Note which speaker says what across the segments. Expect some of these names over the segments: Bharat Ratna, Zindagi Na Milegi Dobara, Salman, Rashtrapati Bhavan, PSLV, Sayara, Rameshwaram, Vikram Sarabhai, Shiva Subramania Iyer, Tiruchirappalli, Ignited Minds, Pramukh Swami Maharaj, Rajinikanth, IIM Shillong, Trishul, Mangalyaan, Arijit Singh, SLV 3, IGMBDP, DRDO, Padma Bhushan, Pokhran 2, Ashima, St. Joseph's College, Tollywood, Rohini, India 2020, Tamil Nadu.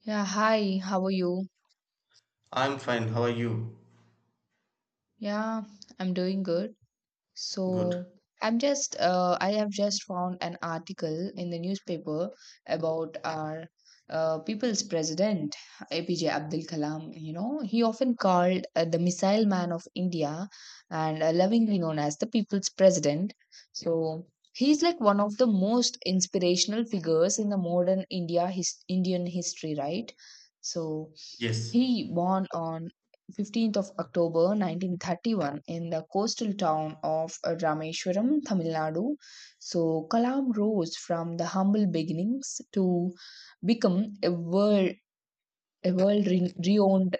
Speaker 1: Yeah, hi, how are you?
Speaker 2: I'm fine. How are you?
Speaker 1: Yeah, I'm doing good.
Speaker 2: Good.
Speaker 1: So, I'm just, I have just found an article in the newspaper about our people's president, APJ Abdul Kalam. You know, he often called the missile man of India and lovingly known as the people's president. So, he's like one of the most inspirational figures in the modern India, Indian history, right? So,
Speaker 2: Yes.
Speaker 1: he born on 15th of October 1931 in the coastal town of Rameshwaram, Tamil Nadu. So Kalam rose from the humble beginnings to become a world renowned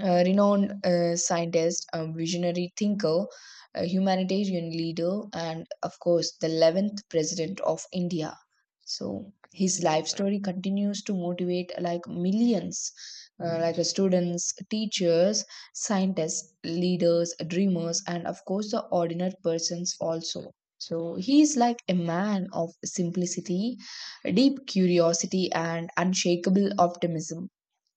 Speaker 1: a renowned scientist, a visionary thinker, a humanitarian leader, and of course, the 11th president of India. So, his life story continues to motivate like millions, students, teachers, scientists, leaders, dreamers, and of course, the ordinary persons also. So, he is like a man of simplicity, deep curiosity, and unshakable optimism.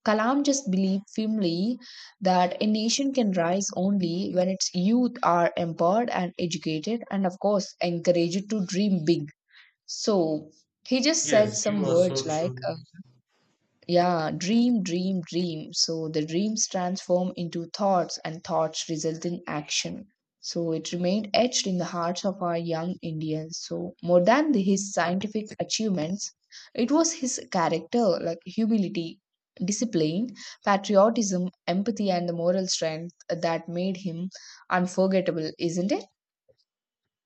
Speaker 1: Kalam just believed firmly that a nation can rise only when its youth are empowered and educated, and of course, encouraged to dream big. So he just said
Speaker 2: Yes, you
Speaker 1: some
Speaker 2: are so
Speaker 1: words like
Speaker 2: true.
Speaker 1: yeah, dream, dream, dream. So the dreams transform into thoughts, and thoughts result in action. So it remained etched in the hearts of our young Indians. So more than his scientific achievements, it was his character, like humility, discipline, patriotism, empathy, and the moral strength that made him unforgettable, isn't it?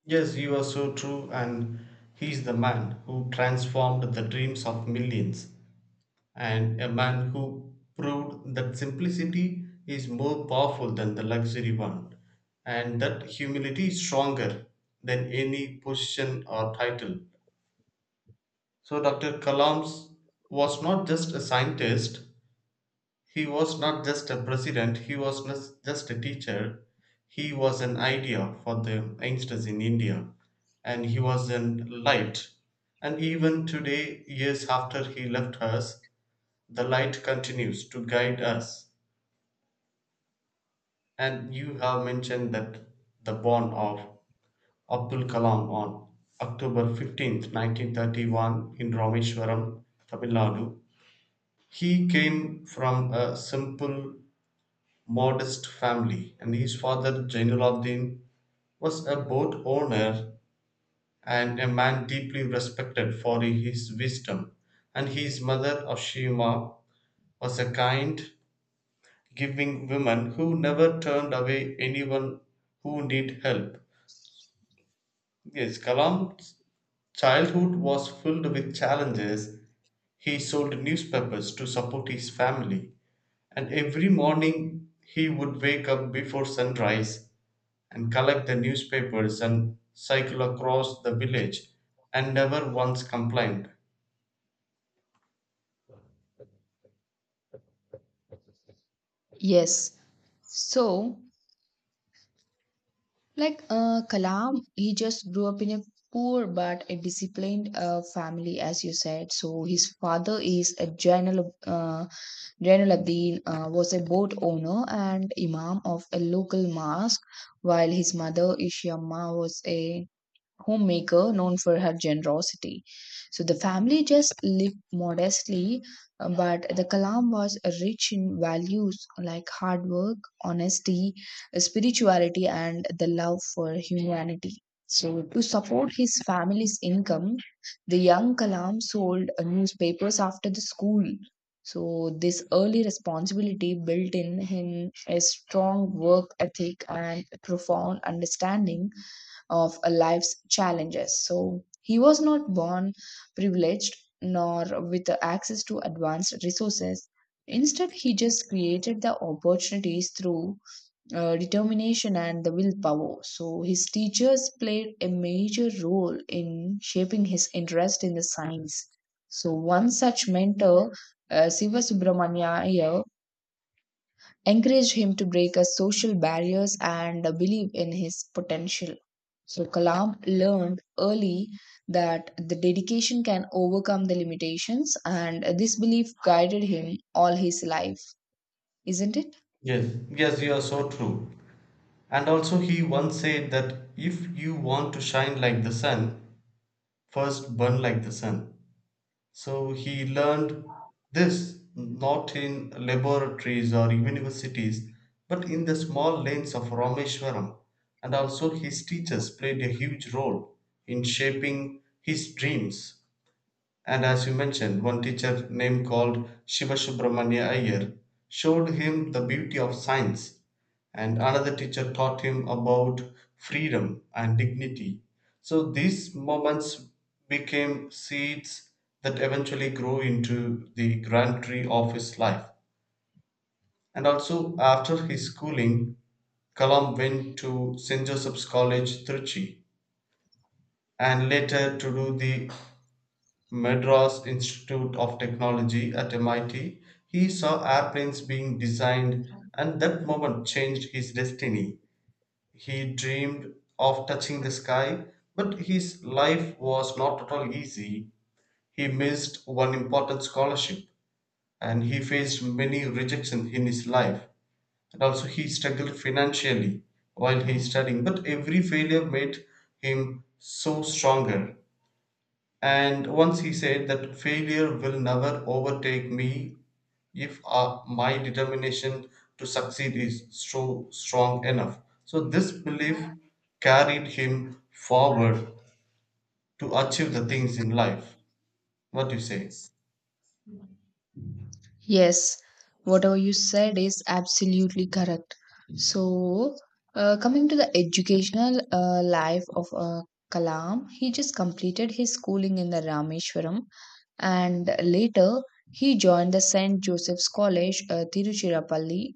Speaker 2: Yes, you are so true. And he's the man who transformed the dreams of millions, and a man who proved that simplicity is more powerful than the luxury one, and that humility is stronger than any position or title. So, Dr. Kalams was not just a scientist. He was not just a president, he was not just a teacher, he was an idea for the youngsters in India, and he was a light. And even today, years after he left us, the light continues to guide us. And you have mentioned that the born of Abdul Kalam on October 15th, 1931, in Rameshwaram, Tamil Nadu. He came from a simple modest family, and his father Jainuddin was a boat owner and a man deeply respected for his wisdom, and his mother Ashima was a kind, giving woman who never turned away anyone who need help. Yes, Kalam's childhood was filled with challenges. He sold newspapers to support his family, and every morning he would wake up before sunrise and collect the newspapers and cycle across the village and never once complained.
Speaker 1: Yes. So, Kalam, he just grew up in a poor but a disciplined family, as you said. So his father is a general. Jainuddin was a boat owner and imam of a local mosque, while his mother Ishama was a homemaker known for her generosity. So the family just lived modestly, but the Kalam was rich in values like hard work, honesty, spirituality, and the love for humanity. So, to support his family's income, the young Kalam sold newspapers after the school. So, this early responsibility built in him a strong work ethic and profound understanding of a life's challenges. So he was not born privileged nor with access to advanced resources. Instead, he just created the opportunities through determination and the willpower. So his teachers played a major role in shaping his interest in the science. So one such mentor, Siva Subramanya encouraged him to break his social barriers and believe in his potential. So Kalam learned early that the dedication can overcome the limitations, and this belief guided him all his life, isn't it?
Speaker 2: Yes, you are so true. And also, he once said that if you want to shine like the sun, first burn like the sun. So, he learned this not in laboratories or universities, but in the small lanes of Rameshwaram. And also, his teachers played a huge role in shaping his dreams. And as you mentioned, one teacher named called Shiva Subramania Iyer showed him the beauty of science, and another teacher taught him about freedom and dignity. So these moments became seeds that eventually grew into the grand tree of his life. And also, after his schooling, Kalam went to St. Joseph's College, Trichy, and later to do the Madras Institute of Technology at MIT, he saw airplanes being designed, and that moment changed his destiny. He dreamed of touching the sky, but his life was not at all easy. He missed one important scholarship, and he faced many rejections in his life. And also, he struggled financially while he studying, but every failure made him so stronger. And once he said that failure will never overtake me if my determination to succeed is so strong enough. So, this belief carried him forward to achieve the things in life. What do you say?
Speaker 1: Yes, whatever you said is absolutely correct. So, coming to the educational life of Kalam, he just completed his schooling in the Rameshwaram and later he joined the St. Joseph's College, Tiruchirappalli,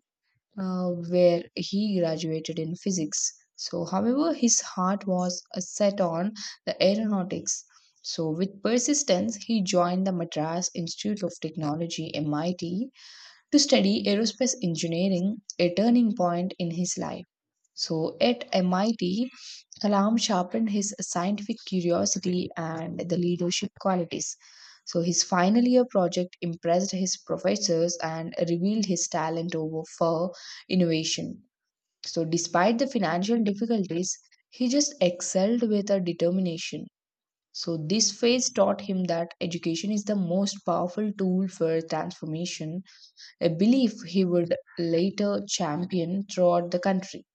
Speaker 1: where he graduated in physics. So, however, his heart was set on the aeronautics. So, with persistence, he joined the Madras Institute of Technology, MIT, to study aerospace engineering, a turning point in his life. So, at MIT, Alam sharpened his scientific curiosity and the leadership qualities. So, his final year project impressed his professors and revealed his talent over for innovation. So, despite the financial difficulties, he just excelled with a determination. So, this phase taught him that education is the most powerful tool for transformation, a belief he would later champion throughout the country.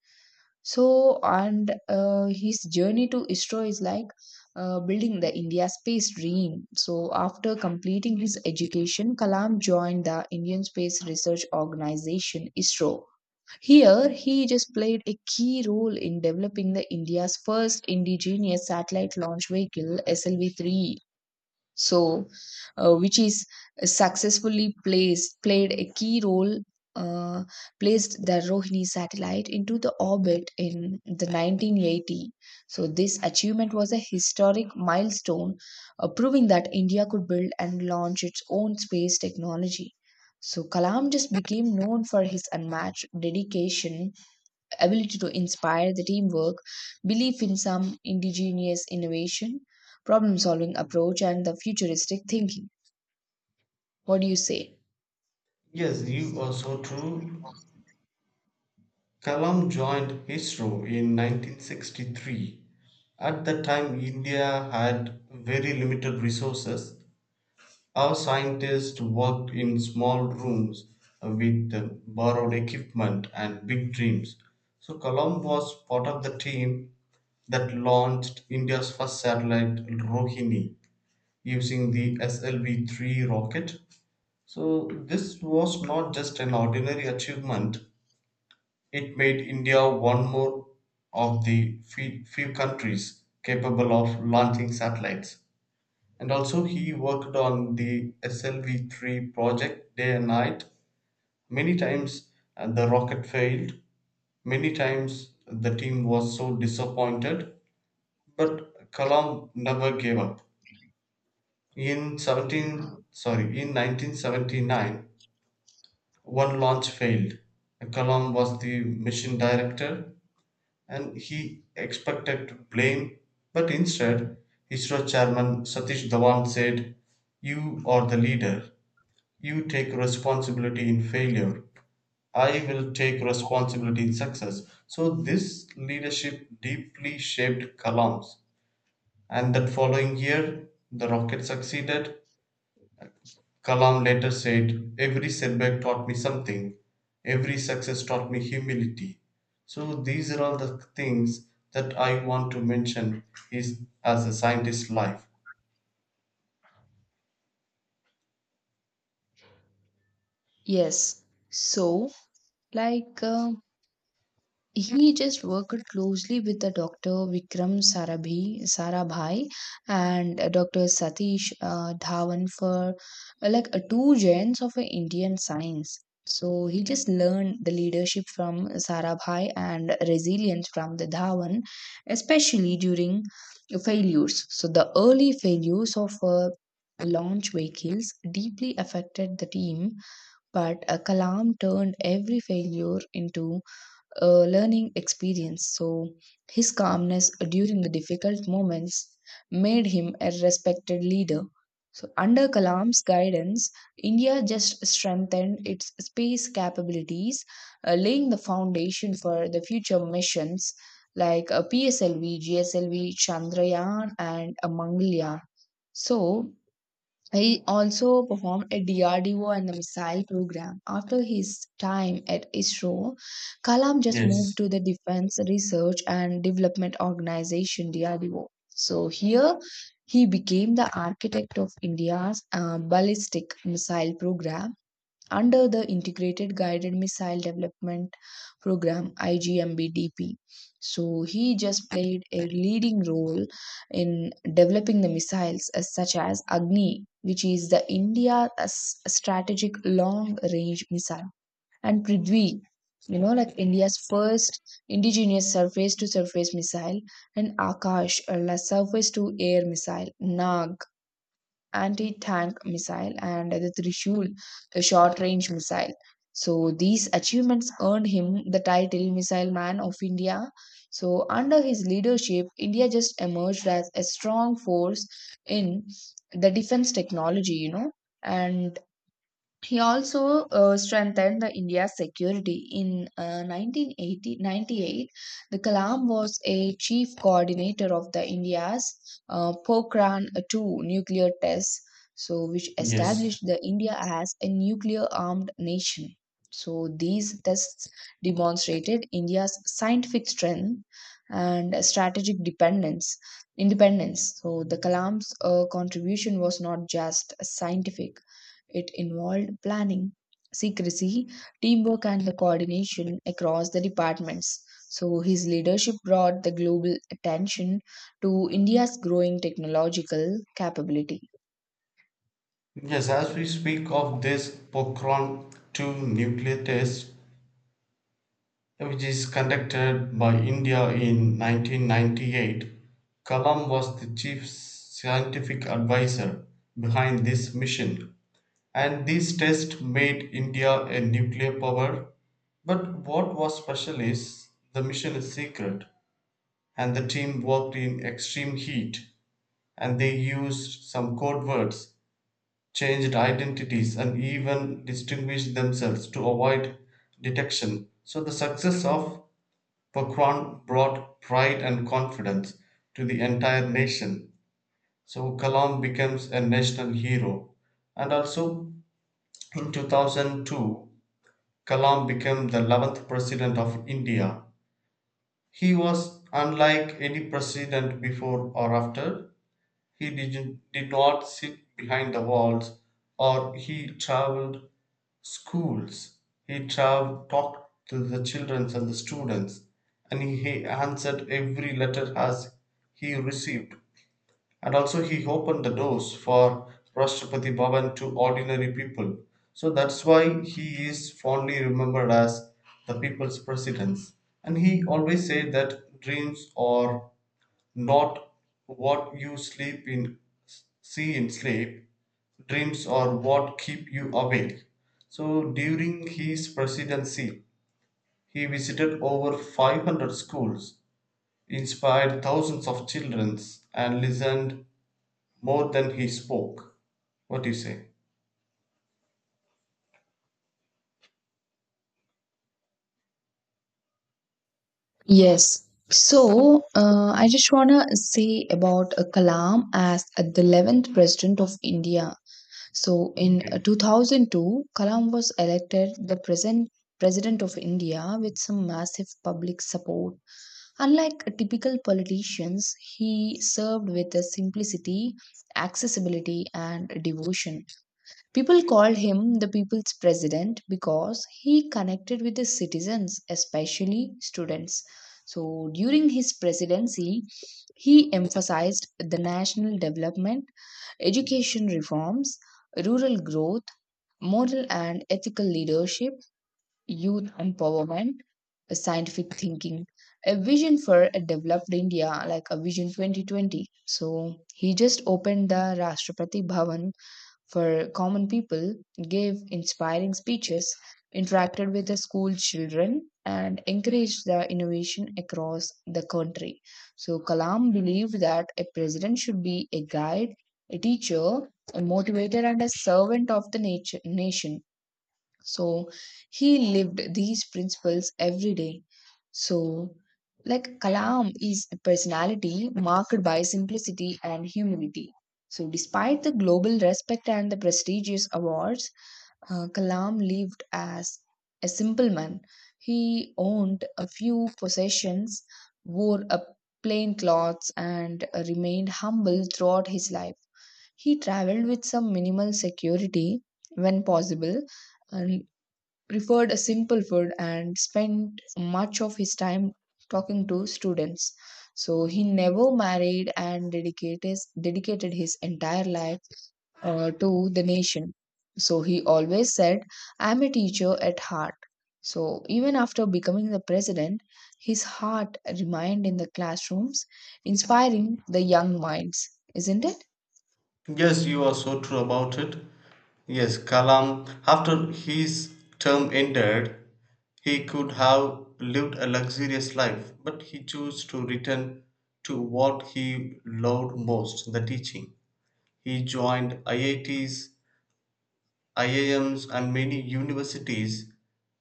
Speaker 1: So, and His journey to ISRO is like building the India space dream. So, after completing his education, Kalam joined the Indian Space Research Organization ISRO. Here, he just played a key role in developing the India's first indigenous satellite launch vehicle SLV 3, so which is successfully placed played a key role uh, placed the Rohini satellite into the orbit in the 1980. So this achievement was a historic milestone, proving that India could build and launch its own space technology. So Kalam just became known for his unmatched dedication, ability to inspire the teamwork, belief in some indigenous innovation, problem solving approach, and the futuristic thinking. What do you say?
Speaker 2: Yes, you are so true. Kalam joined ISRO in 1963. At that time, India had very limited resources. Our scientists worked in small rooms with borrowed equipment and big dreams. So Colomb was part of the team that launched India's first satellite, Rohini, using the SLV 3 rocket. So this was not just an ordinary achievement, it made India one more of the few countries capable of launching satellites, and also he worked on the SLV3 project day and night. Many times the rocket failed, many times the team was so disappointed, but Kalam never gave up. In 1979, one launch failed. Kalam was the mission director and he expected blame, but instead ISRO chairman Satish Dhawan said, "You are the leader. You take responsibility in failure. I will take responsibility in success." So this leadership deeply shaped Kalam's. And that following year, the rocket succeeded. Kalam later said, "Every setback taught me something, every success taught me humility." So these are all the things that I want to mention is as a scientist life.
Speaker 1: Yes. So, like, uh, He just worked closely with the Dr. Sarabhai and Dr. Satish Dhawan for two gens of Indian science. So he just learned the leadership from Sarabhai and resilience from the Dhawan, especially during failures. So the early failures of launch vehicles deeply affected the team, but Kalam turned every failure into learning experience. So, his calmness during the difficult moments made him a respected leader. So, under Kalam's guidance, India just strengthened its space capabilities, laying the foundation for the future missions like PSLV, GSLV, Chandrayaan, and Mangalyaan. So, he also performed at DRDO and the missile program. After his time at ISRO, Kalam just moved
Speaker 2: Yes.
Speaker 1: to the Defense Research and Development Organization DRDO. So here he became the architect of India's ballistic missile program under the Integrated Guided Missile Development Program IGMBDP. So he just played a leading role in developing the missiles as such as Agni, which is the India's strategic long-range missile, and Prithvi, you know, like India's first indigenous surface-to-surface missile, and Akash, a surface-to-air missile, Nag, anti-tank missile, and the Trishul, a short-range missile. So these achievements earned him the title Missile Man of India. So under his leadership, India just emerged as a strong force in the defense technology, you know, and he also strengthened the India's security. In 1980, the Kalam was a chief coordinator of the India's Pokhran 2 nuclear tests, so which
Speaker 2: Yes.
Speaker 1: established the India as a nuclear-armed nation. So these tests demonstrated India's scientific strength and independence. So the Kalam's contribution was not just scientific, it involved planning, secrecy, teamwork, and the coordination across the departments. So, his leadership brought the global attention to India's growing technological capability.
Speaker 2: Yes, as we speak of this Pokhran 2 nuclear test, which is conducted by India in 1998, Kalam was the chief scientific advisor behind this mission. And this test made India a nuclear power. But what was special is the mission is secret, and the team worked in extreme heat, and they used some code words, changed identities and even distinguished themselves to avoid detection. So the success of Paquan brought pride and confidence to the entire nation. So Kalam becomes a national hero. And also in 2002, Kalam became the 11th president of India. He was unlike any president before or after. He did not sit behind the walls, or he traveled schools. He traveled, talked to the children and the students, and he answered every letter as he received. And also he opened the doors for Rashtrapati Bhavan to ordinary people. So that's why he is fondly remembered as the people's president. And he always said that dreams are not what you sleep in see in sleep. Dreams are what keep you awake. So during his presidency, he visited over 500 schools, inspired thousands of children, and listened more than he spoke. What do you say?
Speaker 1: Yes. So, I just want to say about Kalam as the 11th president of India. So in
Speaker 2: Okay.
Speaker 1: 2002, Kalam was elected the present president of India with some massive public support. Unlike typical politicians, he served with a simplicity, accessibility, and devotion. People called him the people's president because he connected with the citizens, especially students. So during his presidency, he emphasized the national development, education reforms, rural growth, moral and ethical leadership, youth empowerment, scientific thinking, a vision for a developed India, like a Vision 2020. So he just opened the Rashtrapati Bhavan for common people, gave inspiring speeches, interacted with the school children, and encouraged the innovation across the country. So Kalam believed that a president should be a guide, a teacher, a motivator, and a servant of the nation. So he lived these principles every day. So, like Kalam is a personality marked by simplicity and humility. So, despite the global respect and the prestigious awards, Kalam lived as a simple man. He owned a few possessions, wore a plain clothes, and remained humble throughout his life. He traveled with some minimal security when possible, and preferred a simple food and spent much of his time talking to students. So he never married and dedicated his entire life to the nation. So he always said, "I'm a teacher at heart." So even after becoming the president, his heart remained in the classrooms, inspiring the young minds, isn't it?
Speaker 2: Yes, you are so true about it. Yes, Kalam, after his term ended, he could have lived a luxurious life, but he chose to return to what he loved most, the teaching. He joined IITs, IIMs, and many universities,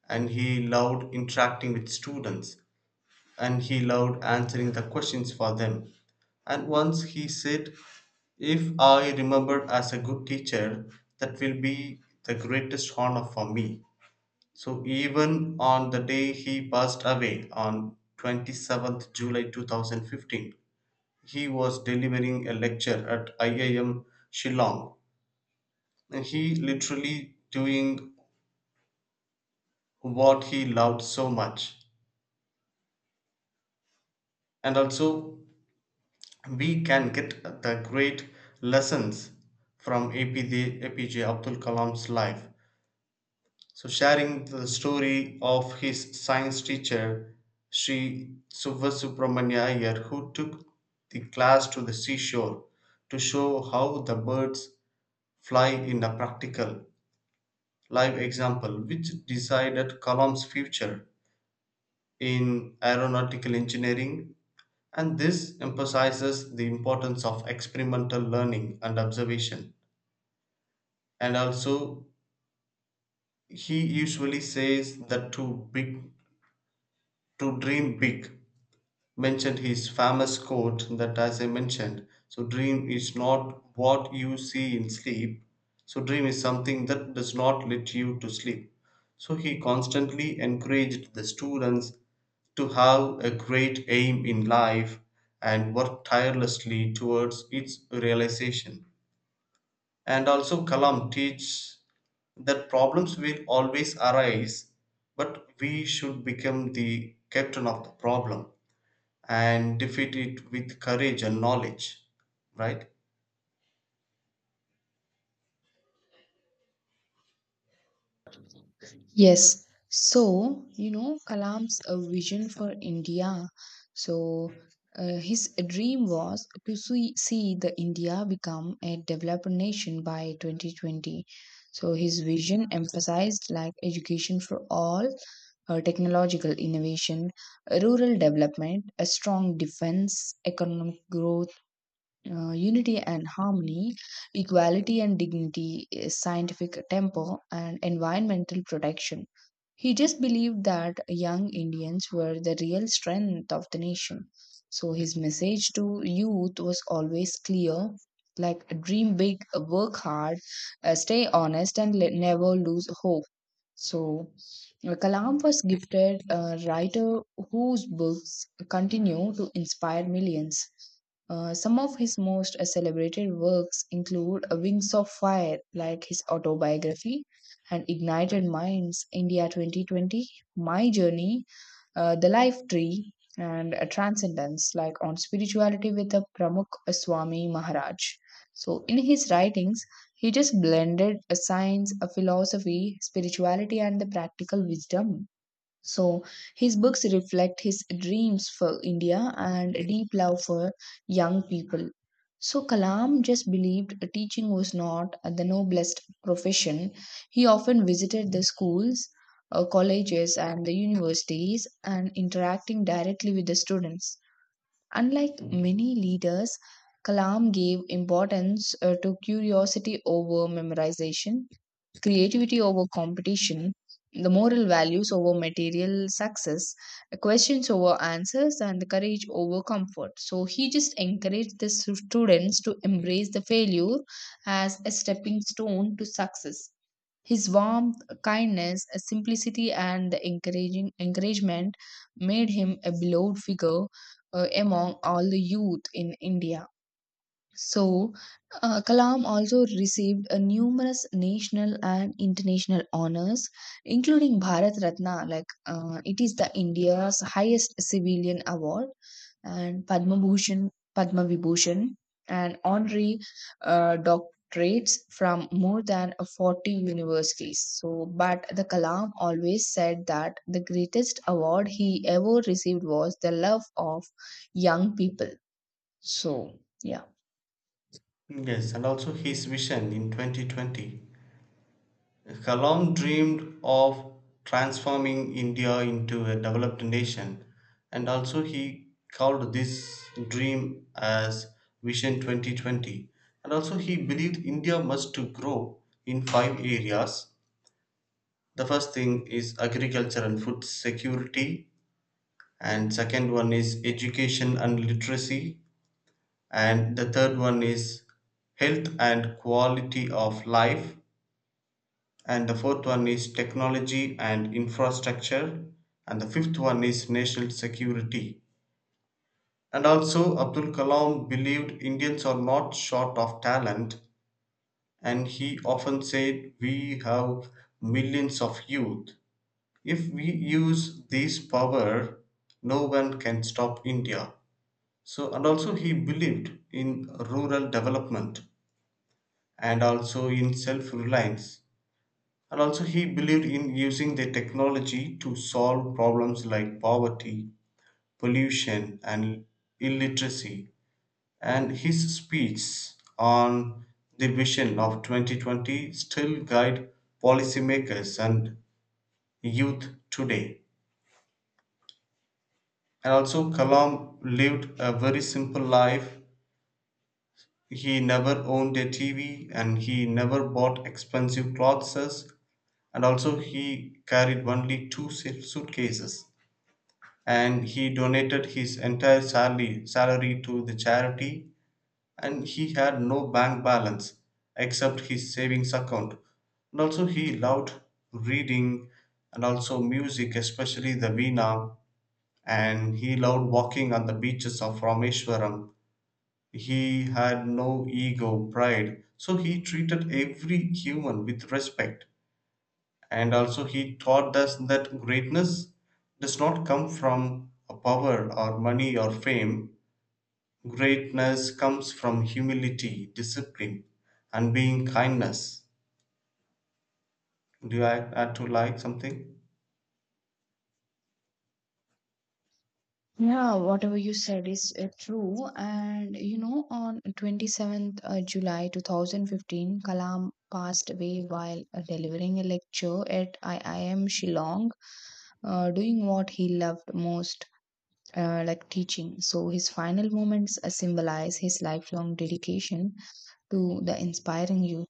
Speaker 2: and he loved interacting with students and he loved answering the questions for them. And once he said, "If I remembered as a good teacher, that will be the greatest honor for me." So even on the day he passed away on July 27th 2015, he was delivering a lecture at IIM Shillong. He literally doing what he loved so much. And also we can get the great lessons from APJ Abdul Kalam's life. So, sharing the story of his science teacher, Sri Subhasubramanya Iyer, who took the class to the seashore to show how the birds fly in a practical, live example, which decided Kalam's future in aeronautical engineering. And this emphasizes the importance of experimental learning and observation. And also, he usually says that to dream big, mentioned his famous quote that as I mentioned, so dream is not what you see in sleep. So dream is something that does not let you to sleep. So he constantly encouraged the students to have a great aim in life and work tirelessly towards its realization. And also Kalam teaches that problems will always arise, but we should become the captain of the problem and defeat it with courage and knowledge, right?
Speaker 1: Yes. So, you know, Kalam's vision for India. So, his dream was to see the India become a developed nation by 2020. So, his vision emphasized like education for all, technological innovation, rural development, a strong defense, economic growth, unity and harmony, equality and dignity, scientific tempo, and environmental protection. He just believed that young Indians were the real strength of the nation. So his message to youth was always clear like dream big, work hard, stay honest, and never lose hope. So, Kalam was gifted a writer whose books continue to inspire millions. Some of his most celebrated works include Wings of Fire, like his autobiography, and Ignited Minds, India 2020, My Journey, the life tree and a transcendence like on spirituality with the Pramukh Swami Maharaj. So in his writings he just blended a science, a philosophy, spirituality, and the practical wisdom. So his books reflect his dreams for India and deep love for young people. So Kalam just believed teaching was not the noblest profession. He often visited the schools, colleges, and the universities and interacting directly with the students. Unlike many leaders, Kalam gave importance to curiosity over memorization, creativity over competition, the moral values over material success, questions over answers, and the courage over comfort. So he just encouraged the students to embrace the failure as a stepping stone to success. His warmth, kindness, simplicity, and the encouraging encouragement made him a beloved figure among all the youth in India. So, Kalam also received numerous national and international honors, including Bharat Ratna — like it is the India's highest civilian award — and Padma Bhushan, Padma Vibhushan, and honorary doctorates from more than 40 universities. So, but the Kalam always said that the greatest award he ever received was the love of young people. So, yeah.
Speaker 2: Yes, and also his vision in 2020. Kalam dreamed of transforming India into a developed nation, and also he called this dream as Vision 2020. And also he believed India must to grow in five areas. The first thing is agriculture and food security, and second one is education and literacy, and the third one is health and quality of life, and the fourth one is technology and infrastructure, and the fifth one is national security. And also Abdul Kalam believed Indians are not short of talent, and he often said we have millions of youth. If we use this power, no one can stop India. So and also he believed in rural development and also in self reliance. And also, he believed in using the technology to solve problems like poverty, pollution, and illiteracy. And his speech on the vision of 2020 still guide policymakers and youth today. And also, Kalam lived a very simple life. He never owned a TV and he never bought expensive clothes, and also he carried only suitcases, and he donated his entire salary to the charity, and he had no bank balance except his savings account. And also he loved reading and also music, especially the veena, and he loved walking on the beaches of Rameshwaram. He had no ego pride, so he treated every human with respect. And also he taught us that greatness does not come from a power or money or fame. Greatness comes from humility, discipline, and being kindness. Do you add to like something?
Speaker 1: Yeah, whatever you said is true. On 27th July 2015, Kalam passed away while delivering a lecture at IIM Shillong, doing what he loved most, like teaching. So his final moments symbolize his lifelong dedication to the inspiring youth.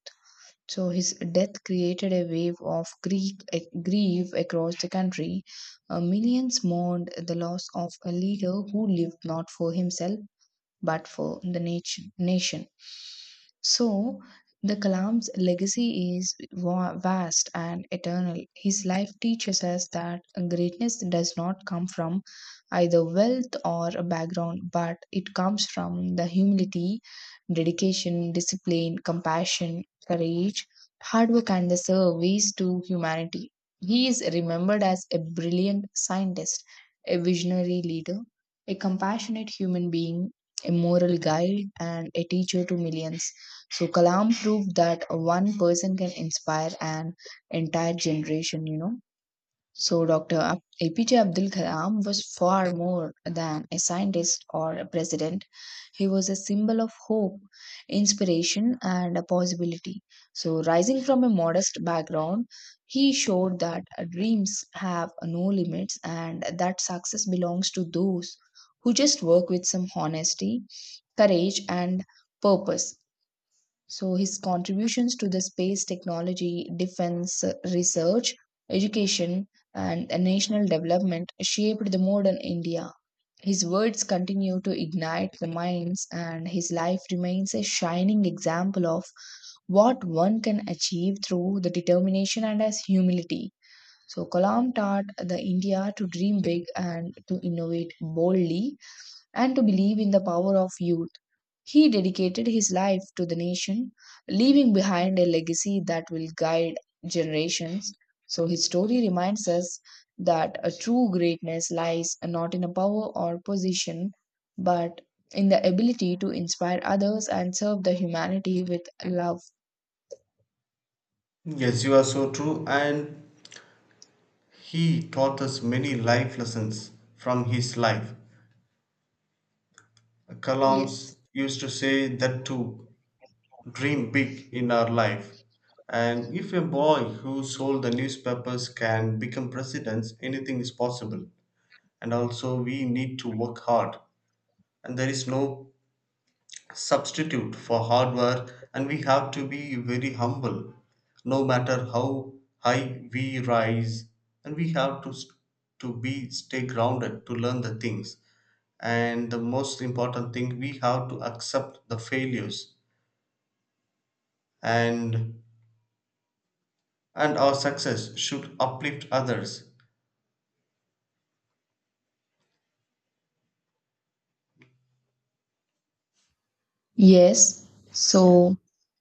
Speaker 1: So his death created a wave of Greek grief across the country. Millions mourned the loss of a leader who lived not for himself but for the nation. So, the Kalam's legacy is vast and eternal. His life teaches us that greatness does not come from either wealth or a background, but it comes from the humility, dedication, discipline, compassion, courage, hard work, and the service to humanity. He is remembered as a brilliant scientist, a visionary leader, a compassionate human being, a moral guide, and a teacher to millions. So Kalam proved that one person can inspire an entire generation, you know. So, APJ Abdul Kalam was far more than a scientist or a president. He was a symbol of hope, inspiration, and a possibility. So, rising from a modest background, he showed that dreams have no limits and that success belongs to those who just work with some honesty, courage, and purpose. So his contributions to the space technology, defense, research, education, and the national development shaped the modern India. His words continue to ignite the minds, and his life remains a shining example of what one can achieve through the determination and as humility. So Kalam taught the India to dream big and to innovate boldly and to believe in the power of youth. He dedicated his life to the nation, leaving behind a legacy that will guide generations. So his story reminds us that a true greatness lies not in a power or position, but in the ability to inspire others and serve the humanity with love.
Speaker 2: Yes, you are so true, and he taught us many life lessons from his life. Kalam's
Speaker 1: Yes.
Speaker 2: used to say that too dream big in our life. And if a boy who sold the newspapers can become president, anything is possible. And also, we need to work hard. And there is no substitute for hard work, and we have to be very humble no matter how high we rise. And we have to, st- to be stay grounded to learn the things. And the most important thing, we have to accept the failures and and our success should uplift others.
Speaker 1: Yes.
Speaker 2: Yes,
Speaker 1: So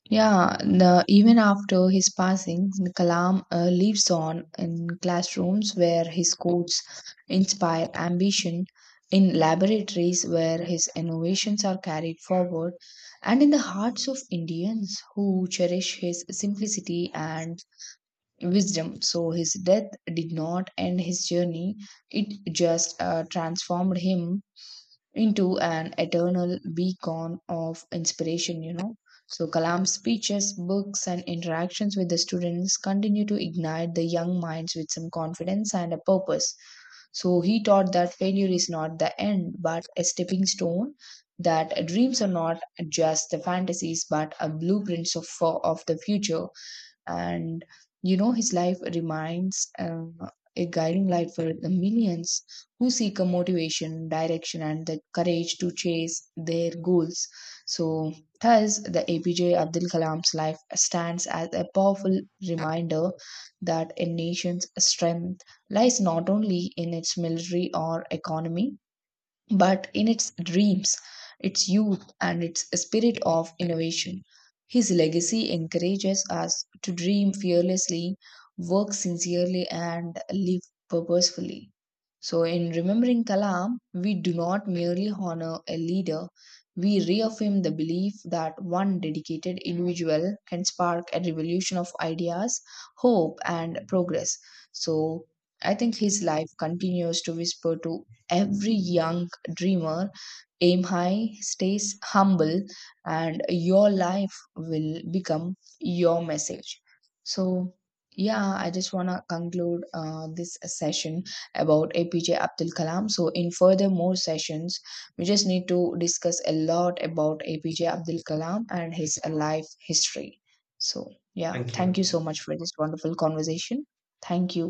Speaker 1: yeah, the, even after his passing, the Kalam lives on in classrooms where his quotes inspire ambition, in laboratories where his innovations are carried forward, and in the hearts of Indians who cherish his simplicity and wisdom. So, his death did not end his journey, it just transformed him into an eternal beacon of inspiration, you know. So Kalam's speeches, books, and interactions with the students continue to ignite the young minds with some confidence and a purpose. So he taught that failure is not the end, but a stepping stone, that dreams are not just the fantasies, but a blueprints of the future. And you know, his life remains a guiding light for the millions who seek a motivation direction and the courage to chase their goals. So thus the APJ Abdul Kalam's life stands as a powerful reminder that a nation's strength lies not only in its military or economy, but in its dreams, its youth, and its spirit of innovation. His legacy encourages us to dream fearlessly, work sincerely, and live purposefully. So, in remembering Kalam, we do not merely honor a leader, we reaffirm the belief that one dedicated individual can spark a revolution of ideas, hope, and progress. So, I think his life continues to whisper to every young dreamer: aim high, stays humble, and your life will become your message. So yeah, I just want to conclude this session about APJ Abdul Kalam. So in further more sessions, we just need to discuss a lot about APJ Abdul Kalam and his life history. So yeah,
Speaker 2: thank
Speaker 1: thank
Speaker 2: you.
Speaker 1: you so much for this wonderful conversation. Thank you.